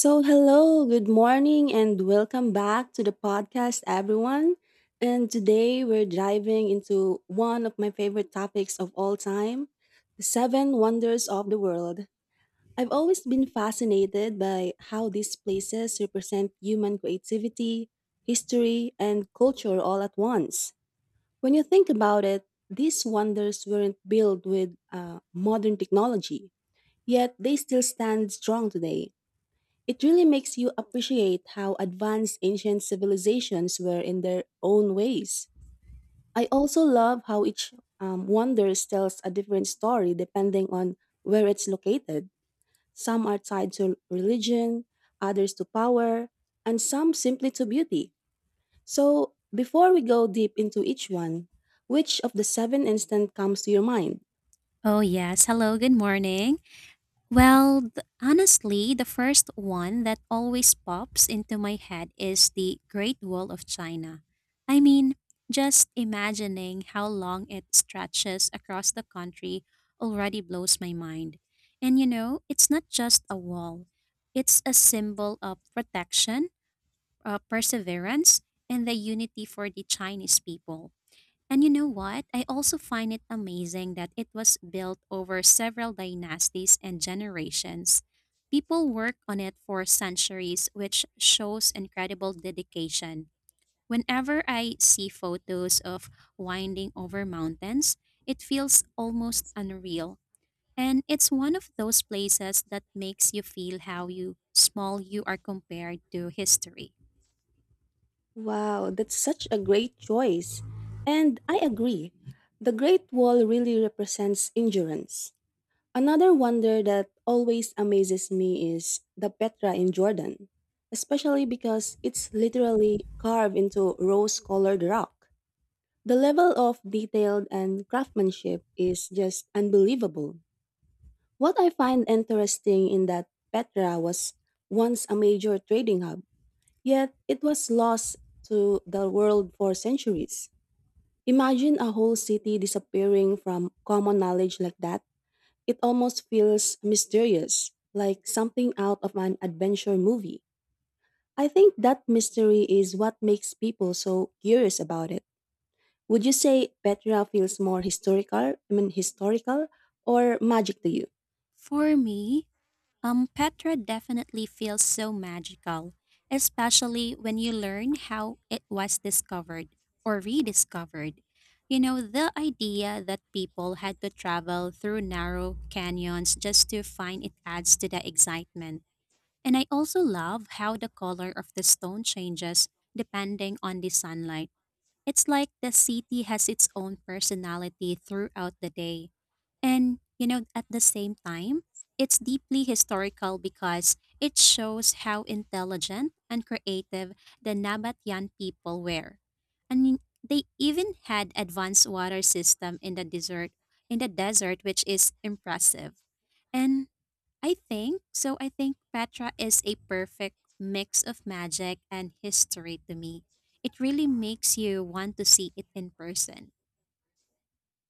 So, hello, good morning, and welcome back to the podcast, everyone. And today we're diving into one of my favorite topics of all time the seven wonders of the world. I've always been fascinated by how these places represent human creativity, history, and culture all at once. When you think about it, these wonders weren't built with modern technology, yet they still stand strong today. It really makes you appreciate how advanced ancient civilizations were in their own ways. I also love how each wonders tells a different story depending on where it's located. Some are tied to religion, others to power, and some simply to beauty. So, before we go deep into each one, which of the seven instant comes to your mind? Oh, yes. Hello, good morning. Well, honestly, the first one that always pops into my head is the Great Wall of China. I mean, just imagining how long it stretches across the country already blows my mind. And you know, it's not just a wall, it's a symbol of protection, perseverance, and the unity for the Chinese people. And you know what? I also find it amazing that it was built over several dynasties and generations. People worked on it for centuries, which shows incredible dedication. Whenever I see photos of winding over mountains, it feels almost unreal. And it's one of those places that makes you feel how you small you are compared to history. Wow, that's such a great choice. And I agree. The Great Wall really represents endurance. Another wonder that always amazes me is the Petra in Jordan, especially because it's literally carved into rose colored rock. The level of detail and craftsmanship is just unbelievable. What I find interesting in that Petra was once a major trading hub. Yet it was lost to the world for centuries. Imagine a whole city disappearing from common knowledge like that. It almost feels mysterious, like something out of an adventure movie. I think that mystery is what makes people so curious about it. Would you say Petra feels more historical, I mean historical, or magic to you? For me, Petra definitely feels so magical, especially when you learn how it was discovered or rediscovered. You know, the idea that people had to travel through narrow canyons just to find it adds to the excitement. And I also love how the color of the stone changes depending on the sunlight, it's like the city has its own personality throughout the day. And, you know, at the same time, it's deeply historical because it shows how intelligent and creative the Nabatean people were. And they even had advanced water system in the desert, which is impressive. And I think so. I think Petra is a perfect mix of magic and history to me. It really makes you want to see it in person.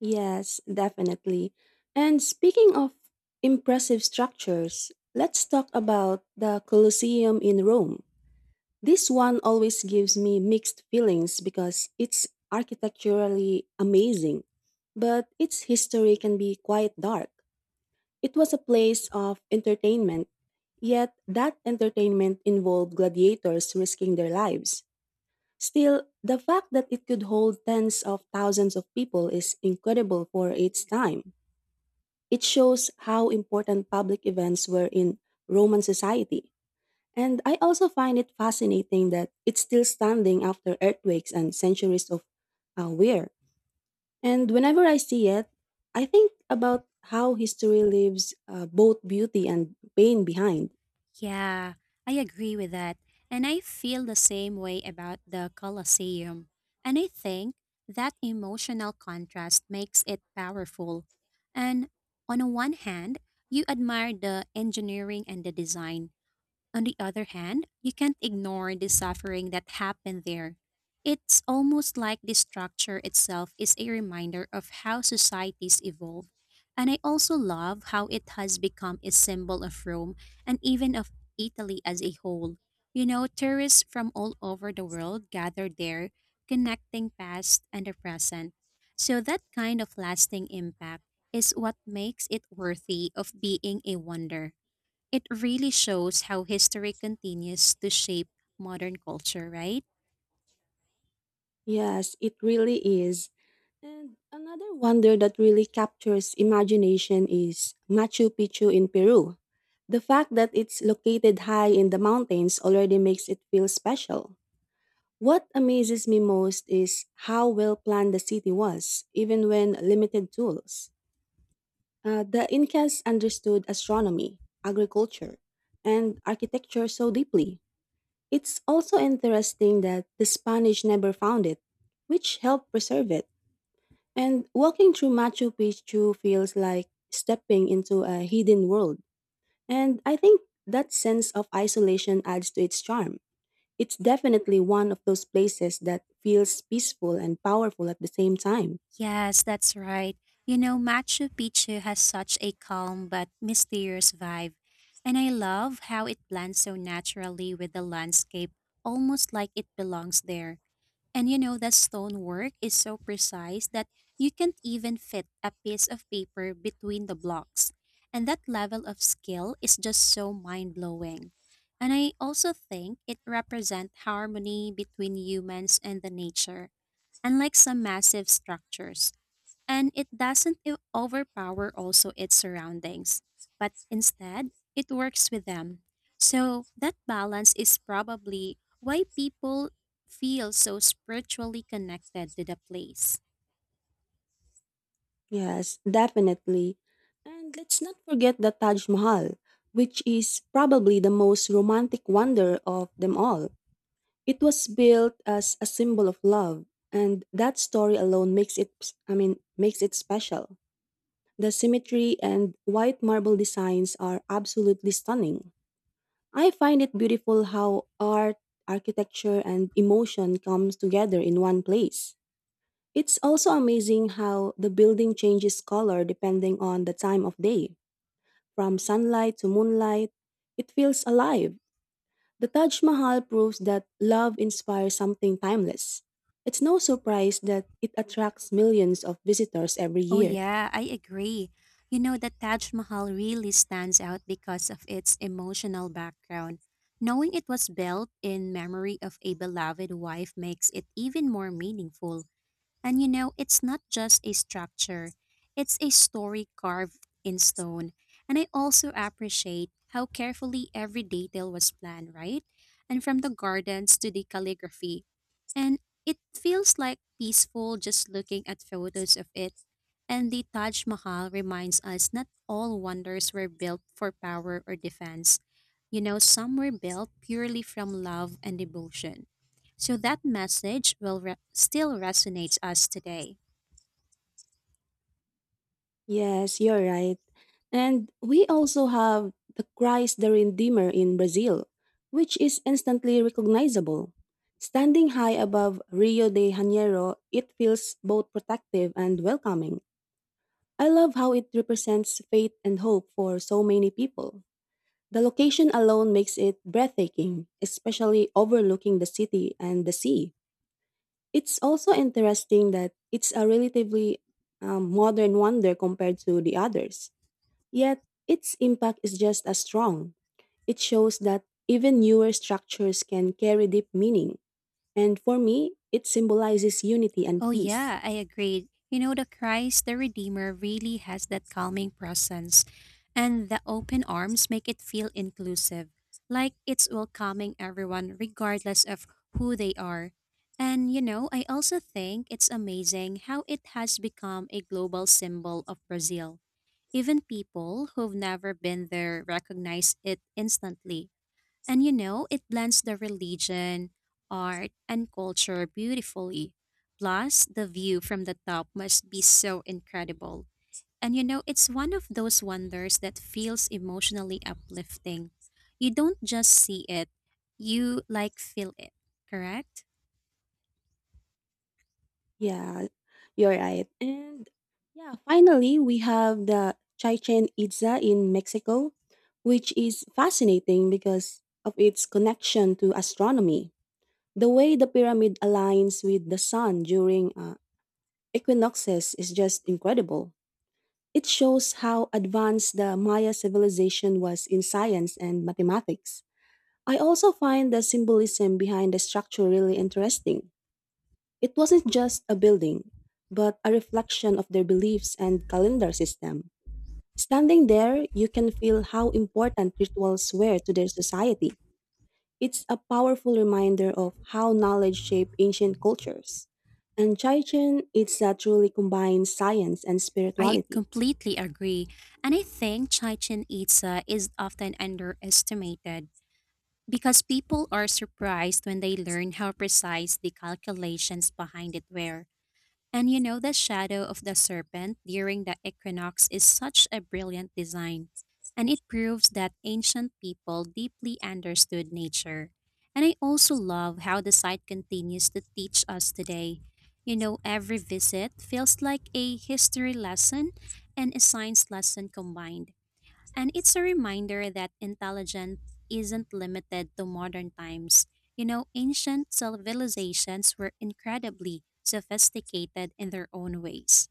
Yes, definitely. And speaking of impressive structures, let's talk about the Colosseum in Rome. This one always gives me mixed feelings because it's architecturally amazing, but its history can be quite dark. It was a place of entertainment, yet that entertainment involved gladiators risking their lives. Still, the fact that it could hold tens of thousands of people is incredible for its time. It shows how important public events were in Roman society. And I also find it fascinating that it's still standing after earthquakes and centuries of wear. And whenever I see it, I think about how history leaves both beauty and pain behind. Yeah, I agree with that. And I feel the same way about the Colosseum. And I think that emotional contrast makes it powerful. And on a one hand, you admire the engineering and the design. On the other hand, you can't ignore the suffering that happened there. It's almost like the structure itself is a reminder of how societies evolve. And I also love how it has become a symbol of Rome and even of Italy as a whole. You know, tourists from all over the world gather there, connecting past and the present. So that kind of lasting impact is what makes it worthy of being a wonder. It really shows how history continues to shape modern culture, right? Yes, it really is. And another wonder that really captures imagination is Machu Picchu in Peru. The fact that it's located high in the mountains already makes it feel special. What amazes me most is how well planned the city was, even when limited tools. The Incas understood astronomy, agriculture, and architecture so deeply. It's also interesting that the Spanish never found it, which helped preserve it. And walking through Machu Picchu feels like stepping into a hidden world. And I think that sense of isolation adds to its charm. It's definitely one of those places that feels peaceful and powerful at the same time. Yes, that's right. You know, Machu Picchu has such a calm but mysterious vibe, and I love how it blends so naturally with the landscape, almost like it belongs there. And you know, that stonework is so precise that you can't even fit a piece of paper between the blocks. And that level of skill is just so mind blowing. And I also think it represents harmony between humans and the nature, unlike some massive structures, and it doesn't overpower also its surroundings, but instead it works with them. So that balance is probably why people feel so spiritually connected to the place. Yes, definitely. And let's not forget the Taj Mahal, which is probably the most romantic wonder of them all. It was built as a symbol of love, and that story alone makes it special. The symmetry and white marble designs are absolutely stunning. I find it beautiful how art, architecture, and emotion comes together in one place. It's also amazing how the building changes color depending on the time of day. From sunlight to moonlight, it feels alive. The Taj Mahal proves that love inspires something timeless. It's no surprise that it attracts millions of visitors every Oh year. yeah, I agree. You know the Taj Mahal really stands out because of its emotional background. Knowing it was built in memory of a beloved wife makes it even more meaningful. And you know, it's not just a structure, it's a story carved in stone. And I also appreciate how carefully every detail was planned, right? And from the gardens to the calligraphy. And it feels like peaceful just looking at photos of it, and the Taj Mahal reminds us not all wonders were built for power or defense. You know, some were built purely from love and devotion. So that message still resonates us today. Yes, you're right. And we also have the Christ the Redeemer in Brazil, which is instantly recognizable. Standing high above Rio de Janeiro, it feels both protective and welcoming. I love how it represents faith and hope for so many people. The location alone makes it breathtaking, especially overlooking the city and the sea. It's also interesting that it's a relatively modern wonder compared to the others. Yet, its impact is just as strong. It shows that even newer structures can carry deep meaning. And for me, it symbolizes unity and Oh, peace. yeah, I agreed. You know, the Christ, the Redeemer, really has that calming presence, and the open arms make it feel inclusive, like it's welcoming everyone, regardless of who they are. And, you know, I also think it's amazing how it has become a global symbol of Brazil. Even people who've never been there recognize it instantly. And you know, it blends the religion, art, and culture beautifully. Plus, the view from the top must be so incredible. And you know, it's one of those wonders that feels emotionally uplifting. You don't just see it, you like feel it, correct? Yeah, you're right. And yeah, finally, we have the Chichen Itza in Mexico, which is fascinating because of its connection to astronomy. The way the pyramid aligns with the sun during equinoxes is just incredible. It shows how advanced the Maya civilization was in science and mathematics. I also find the symbolism behind the structure really interesting. It wasn't just a building, but a reflection of their beliefs and calendar system. Standing there, you can feel how important rituals were to their society. It's a powerful reminder of how knowledge shaped ancient cultures. And Chaichen, it's a truly combined science and I spirituality. completely agree. And I think Chichen Itza is often underestimated because people are surprised when they learn how precise the calculations behind it were. And you know, the shadow of the serpent during the equinox is such a brilliant design, and it proves that ancient people deeply understood nature. And I also love how the site continues to teach us today. You know, every visit feels like a history lesson and a science lesson combined. And it's a reminder that intelligence isn't limited to modern times. You know, ancient civilizations were incredibly sophisticated in their own ways.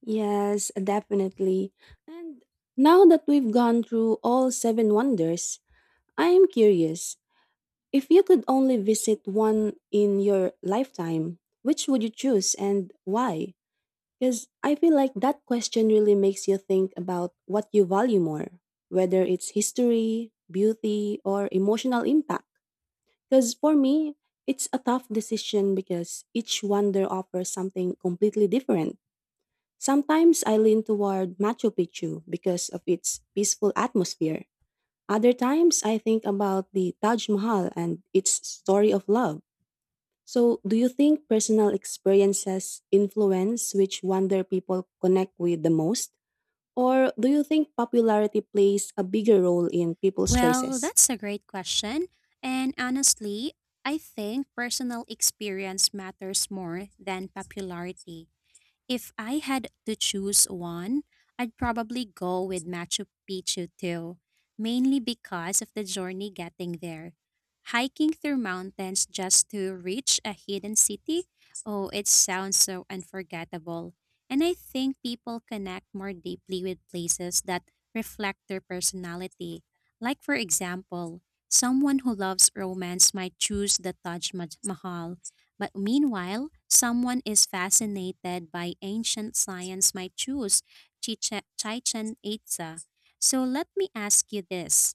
Yes, definitely. And now that we've gone through all seven wonders, I am curious if you could only visit one in your lifetime, which would you choose and why? Because I feel like that question really makes you think about what you value more, whether it's history, beauty, or emotional impact. Because for me, it's a tough decision because each wonder offers something completely different. Sometimes I lean toward Machu Picchu because of its peaceful atmosphere. Other times I think about the Taj Mahal and its story of love. So, do you think personal experiences influence which wonder people connect with the most? Or do you think popularity plays a bigger role in people's Well, choices? that's a great question. And honestly, I think personal experience matters more than popularity. If I had to choose one, I'd probably go with Machu Picchu too, mainly because of the journey getting there. Hiking through mountains just to reach a hidden city? Oh, it sounds so unforgettable. And I think people connect more deeply with places that reflect their personality. Like, for example, someone who loves romance might choose the Mahal, but meanwhile, someone is fascinated by ancient science might choose Chichen Itza. So let me ask you this.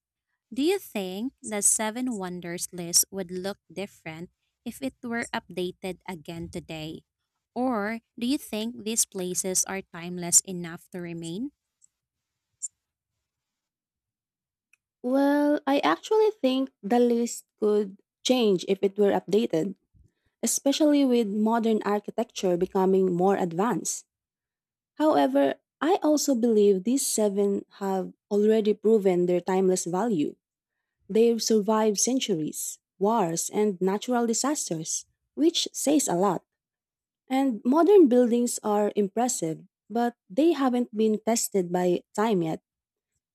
Do you think the seven wonders list would look different if it were updated again today? Or do you think these places are timeless enough to remain? Well, I actually think the list could change if it were updated, especially with modern architecture becoming more advanced. However, I also believe these seven have already proven their timeless value. They've survived centuries, wars, and natural disasters, which says a lot. And modern buildings are impressive, but they haven't been tested by time yet.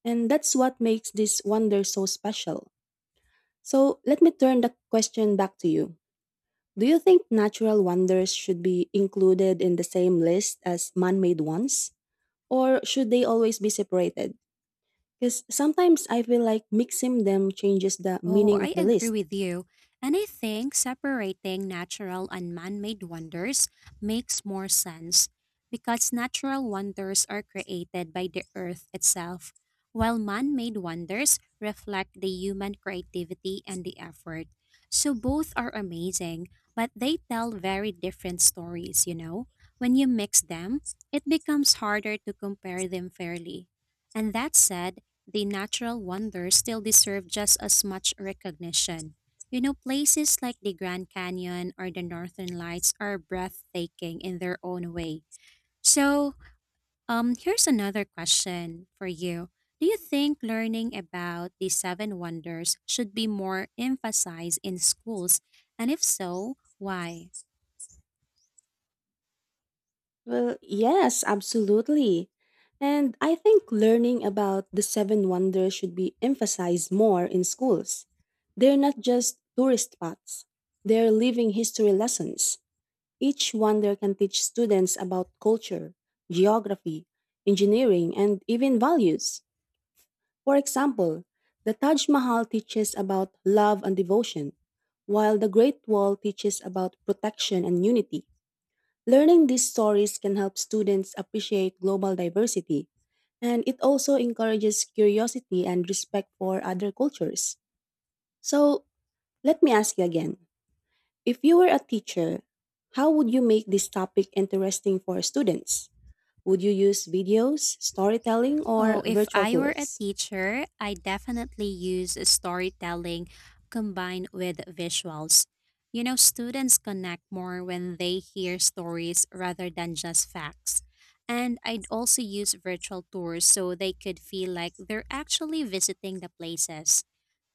And that's what makes this wonder so special. So let me turn the question back to you. Do you think natural wonders should be included in the same list as man made ones? Or should they always be separated? Because sometimes I feel like mixing them changes the Oh, meaning of I the agree list. with you. And I think separating natural and man made wonders makes more sense because natural wonders are created by the earth itself, while man made wonders reflect the human creativity and the effort. So both are amazing, but they tell very different stories, you know? When you mix them, it becomes harder to compare them fairly. And that said, the natural wonders still deserve just as much recognition. You know, places like the Grand Canyon or the Northern Lights are breathtaking in their own way. So, here's another question for you. Do you think learning about the seven wonders should be more emphasized in schools? And if so, why? Well, yes, absolutely. And I think learning about the seven wonders should be emphasized more in schools. They're not just tourist spots, they're living history lessons. Each wonder can teach students about culture, geography, engineering, and even values. For example, the Taj Mahal teaches about love and devotion, while the Great Wall teaches about protection and unity. Learning these stories can help students appreciate global diversity, and it also encourages curiosity and respect for other cultures. So, let me ask you again if you were a teacher, how would you make this topic interesting for students? Would you use videos, storytelling, Oh, or if virtual I were a tours? teacher, I definitely use storytelling combined with visuals. You know, students connect more when they hear stories rather than just facts. And I'd also use virtual tours so they could feel like they're actually visiting the places.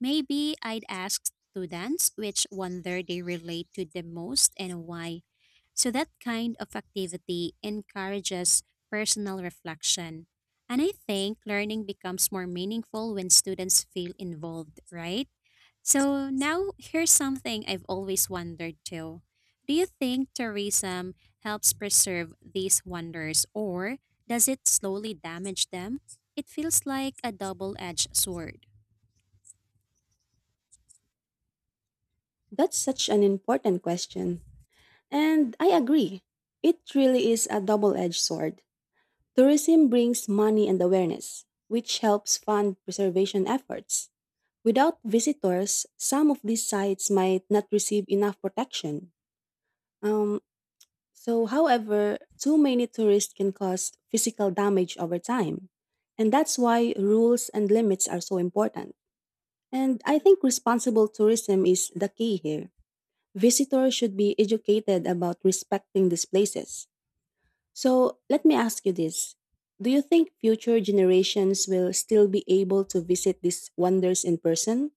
Maybe I'd ask students which wonder they relate to the most and why. So that kind of activity encourages personal reflection. And I think learning becomes more meaningful when students feel involved, right? So now here's something I've always wondered too. Do you think tourism helps preserve these wonders, or does it slowly damage them? It feels like a double edged sword. That's such an important question. And I agree. It really is a double edged sword. Tourism brings money and awareness, which helps fund preservation efforts. Without visitors, some of these sites might not receive enough protection. Um, However, too many tourists can cause physical damage over time. And that's why rules and limits are so important. And I think responsible tourism is the key here. Visitors should be educated about respecting these places. So let me ask you this. Do you think future generations will still be able to visit these wonders in person?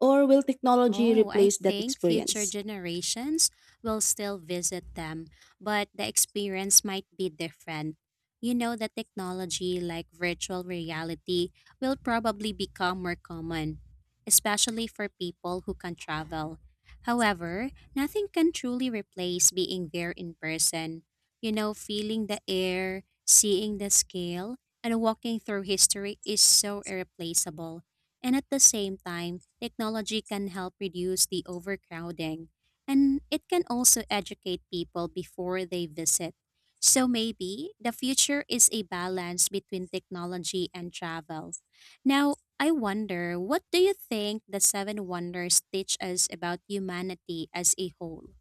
Or will technology Oh, I replace that think future experience? generations will still visit them, but the experience might be different. You know, the technology like virtual reality will probably become more common, especially for people who can travel. However, nothing can truly replace being there in person. You know, feeling the air, seeing the scale, and walking through history is so irreplaceable. And at the same time, technology can help reduce the overcrowding. And it can also educate people before they visit. So maybe the future is a balance between technology and travel. Now, I wonder, what do you think the seven wonders teach us about humanity as a whole?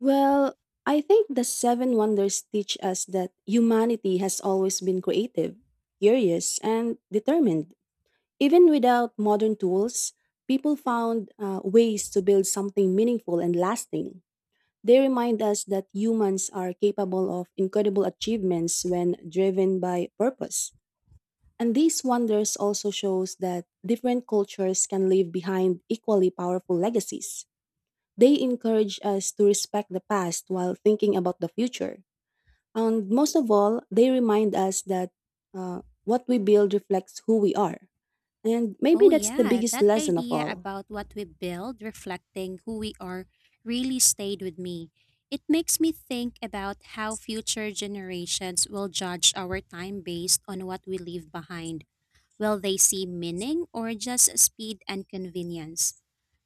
Well, I think the seven wonders teach us that humanity has always been creative, curious, and determined. Even without modern tools, people found ways to build something meaningful and lasting. They remind us that humans are capable of incredible achievements when driven by purpose. And these wonders also shows that different cultures can leave behind equally powerful legacies. They encourage us to respect the past while thinking about the future. And most of all, they remind us that what we build reflects who we are. And maybe Oh, that's the yeah, biggest that lesson of idea all. about what we build reflecting who we are really stayed with me. It makes me think about how future generations will judge our time based on what we leave behind. Will they see meaning or just speed and convenience?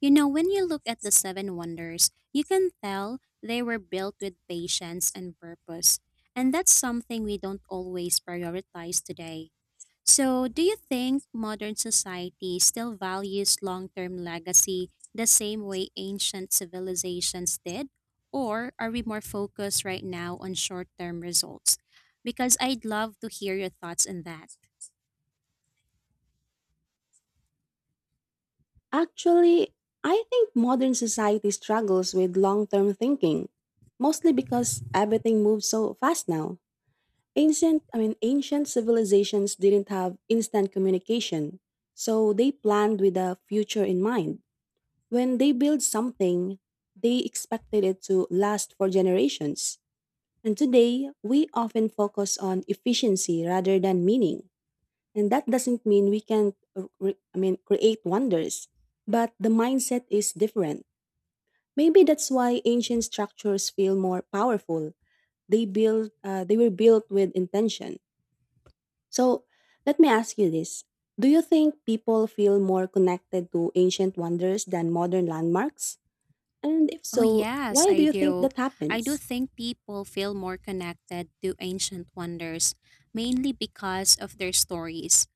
You know, when you look at the seven wonders, you can tell they were built with patience and purpose. And that's something we don't always prioritize today. So, do you think modern society still values long term legacy the same way ancient civilizations did? Or are we more focused right now on short term results? Because I'd love to hear your thoughts on that. Actually, I think modern society struggles with long term thinking, mostly because everything moves so fast now. Ancient civilizations didn't have instant communication, so they planned with the future in mind. When they built something, they expected it to last for generations. And today, we often focus on efficiency rather than meaning. And that doesn't mean we can't, create wonders, but the mindset is different. Maybe that's why ancient structures feel more powerful. They were built with intention. So let me ask you this: Do you think people feel more connected to ancient wonders than modern landmarks? And if Oh, so, yes, why do I you think do. that I do happens? think people feel more connected to ancient wonders, mainly because of their stories.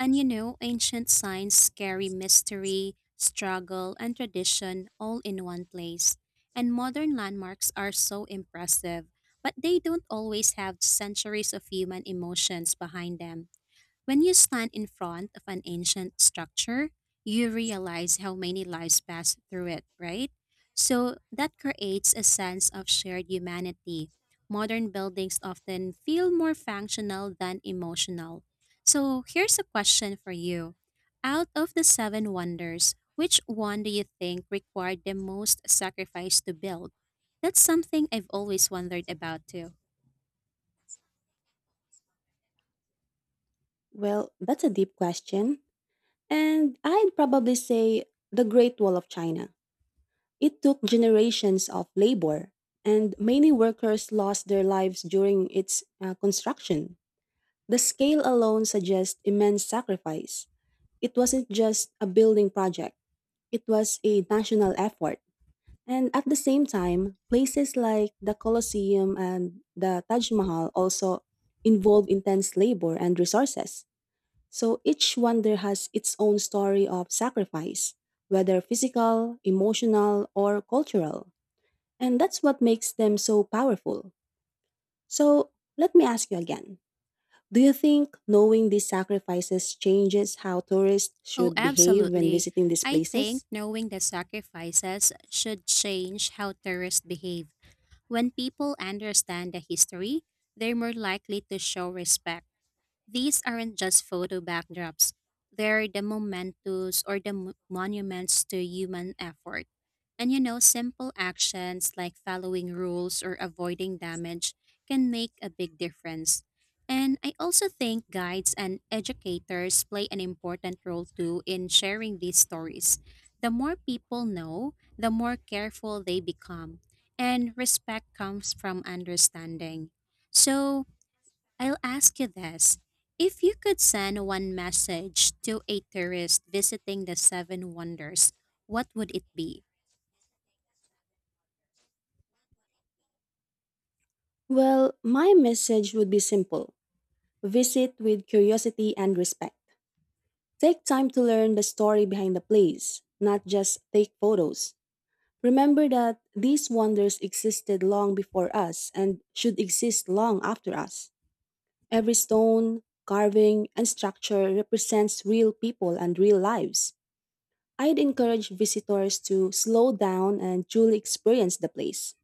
And you know, ancient signs carry mystery, struggle, and tradition all in one place. And modern landmarks are so impressive, but they don't always have centuries of human emotions behind them. When you stand in front of an ancient structure, you realize how many lives passed through it, right? So that creates a sense of shared humanity. Modern buildings often feel more functional than emotional. So here's a question for you. Out of the seven wonders, which one do you think required the most sacrifice to build? That's something I've always wondered about too. Well, that's a deep question, and I'd probably say the Great Wall of China. It took generations of labor, and many workers lost their lives during its construction. The scale alone suggests immense sacrifice. It wasn't just a building project, it was a national effort. And at the same time, places like the Colosseum and the Taj Mahal also involve intense labor and resources. So each wonder has its own story of sacrifice, whether physical, emotional, or cultural. And that's what makes them so powerful. So let me ask you again. Do you think knowing these sacrifices changes how tourists Oh, should behave when absolutely. visiting these I think places? knowing the sacrifices should change how tourists behave. When people understand the history, they're more likely to show respect. These aren't just photo backdrops, they're the mementos or the monuments to human effort. And you know, simple actions like following rules or avoiding damage can make a big difference. And I also think guides and educators play an important role too in sharing these stories. The more people know, the more careful they become. And respect comes from understanding. So, I'll ask you this. If you could send one message to a tourist visiting the Seven Wonders, what would it be? Well, my message would be simple: visit with curiosity and respect. Take time to learn the story behind the place, not just take photos. Remember that these wonders existed long before us and should exist long after us. Every stone, carving, and structure represents real people and real lives. I'd encourage visitors to slow down and truly experience the place.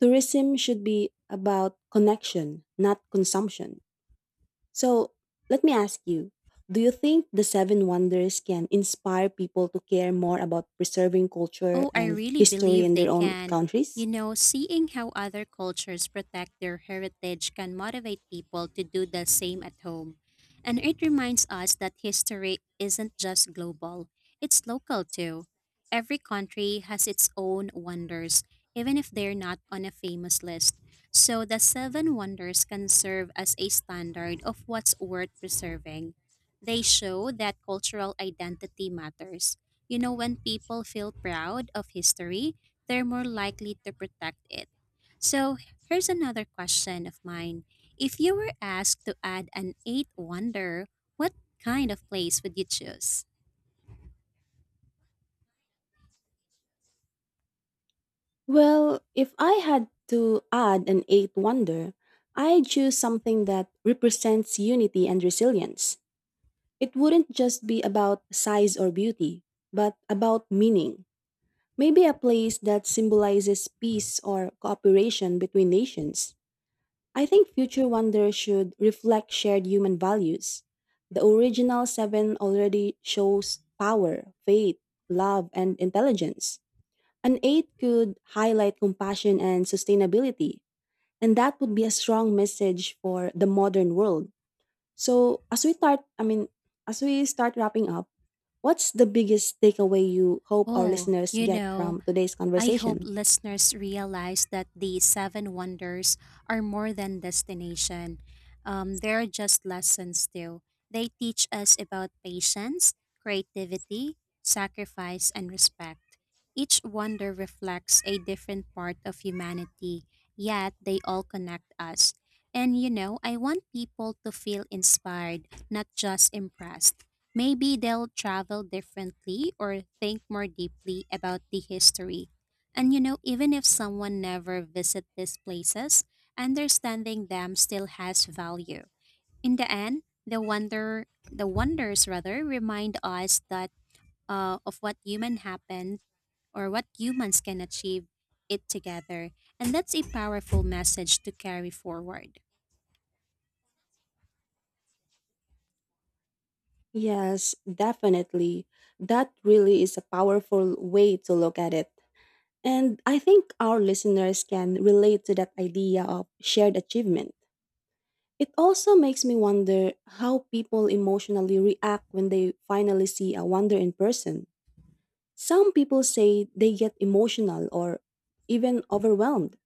Tourism should be about connection, not consumption. So, let me ask you: do you think the Seven Wonders can inspire people to care more about preserving culture Oh, I and really history believe in they their own can. countries? You know, seeing how other cultures protect their heritage can motivate people to do the same at home. And it reminds us that history isn't just global, it's local too. Every country has its own wonders, even if they're not on a famous list. So the seven wonders can serve as a standard of what's worth preserving. They show that cultural identity matters, you know, when people feel proud of history, they're more likely to protect it. So, here's another question of mine. If you were asked to add an eighth wonder, what kind of place would you choose? Well, if I had to add an eighth wonder, I'd choose something that represents unity and resilience. It wouldn't just be about size or beauty, but about meaning. Maybe a place that symbolizes peace or cooperation between nations. I think future wonder should reflect shared human values. The original seven already shows power, faith, love, and intelligence. An aid could highlight compassion and sustainability, and that would be a strong message for the modern world. So, as we start, I mean, as we start wrapping up, what's the biggest takeaway you hope our Oh, listeners you get know, from today's I hope conversation? listeners realize that the seven wonders are more than destination. They're just lessons too. They teach us about patience, creativity, sacrifice, and respect. Each wonder reflects a different part of humanity, yet they all connect us. And you know, I want people to feel inspired, not just impressed. Maybe they'll travel differently or think more deeply about the history, and you know, even if someone never visit these places, understanding them still has value. In the end, the wonders rather remind us that of what human happen or what humans can achieve it together. And that's a powerful message to carry forward. Yes, definitely. That really is a powerful way to look at it. And I think our listeners can relate to that idea of shared achievement. It also makes me wonder how people emotionally react when they finally see a wonder in person. Some people say they get emotional or even overwhelmed.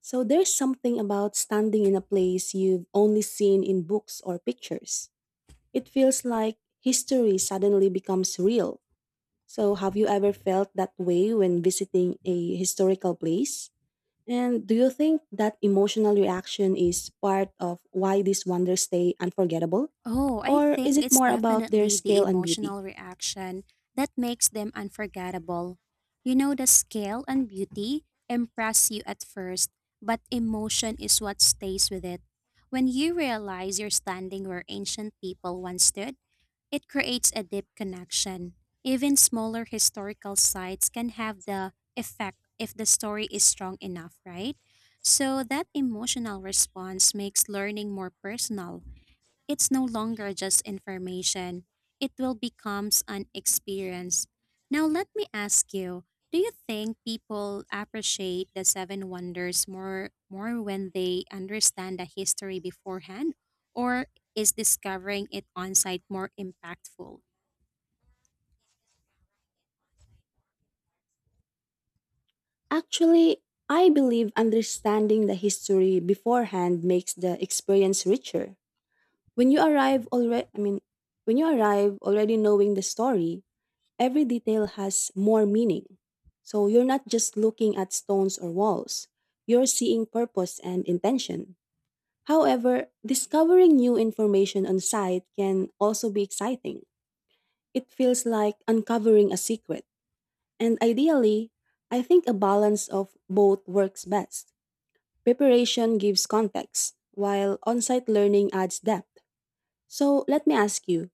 So there's something about standing in a place you've only seen in books or pictures. It feels like history suddenly becomes real. So have you ever felt that way when visiting a historical place? And do you think that emotional reaction is part of why these wonders stay unforgettable? Oh, I Or think is it it's more about their definitely the scale and beauty? emotional reaction that makes them unforgettable. You know, the scale and beauty impress you at first, but emotion is what stays with it. When you realize you're standing where ancient people once stood, it creates a deep connection. Even smaller historical sites can have the effect if the story is strong enough, right? So that emotional response makes learning more personal. It's no longer just information, it will becomes an experience. Now let me ask you, do you think people appreciate the seven wonders more when they understand the history beforehand, or is discovering it on site more impactful? Actually, I believe understanding the history beforehand makes the experience richer. When you arrive already, I mean, when you arrive already knowing the story, every detail has more meaning. So you're not just looking at stones or walls, you're seeing purpose and intention. However, discovering new information on site can also be exciting. It feels like uncovering a secret. And ideally, I think a balance of both works best. Preparation gives context, while on site learning adds depth. So let me ask you: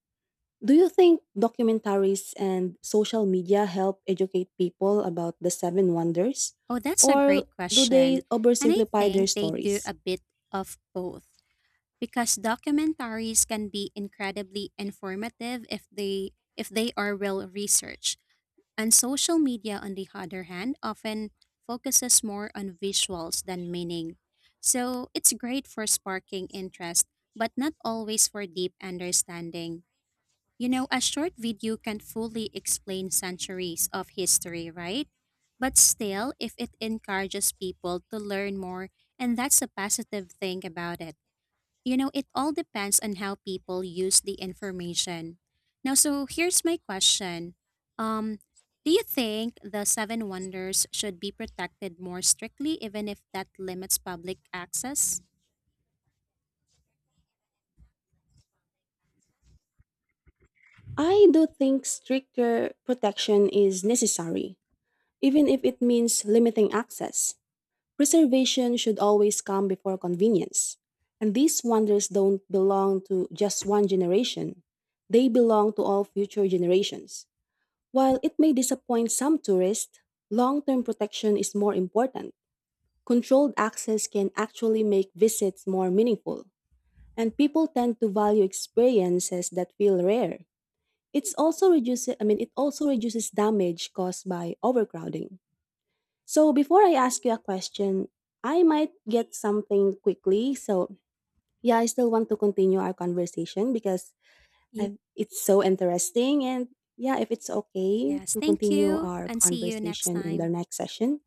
do you think documentaries and social media help educate people about the seven wonders? Oh, that's a Or great do question. they And I oversimplify their think they do stories? a bit of both because documentaries can be incredibly informative if they are well researched. And social media, on the other hand, often focuses more on visuals than meaning. So it's great for sparking interest, but not always for deep understanding. You know, a short video can fully explain centuries of history, right? But still, if it encourages people to learn more, and that's a positive thing about it. You know, it all depends on how people use the information. Now, so here's my question. Um, do you think the seven wonders should be protected more strictly, even if that limits public access? I do think stricter protection is necessary, even if it means limiting access. Preservation should always come before convenience. And these wonders don't belong to just one generation, they belong to all future generations. While it may disappoint some tourists, long term protection is more important. Controlled access can actually make visits more meaningful, and people tend to value experiences that feel rare. It also reduces damage caused by overcrowding. So before I ask you a question, I might get something quickly. So yeah, I still want to continue our conversation because Ye- it's so interesting. And yeah, if it's okay Yes, to thank continue you, our and see you next conversation in the time. next session,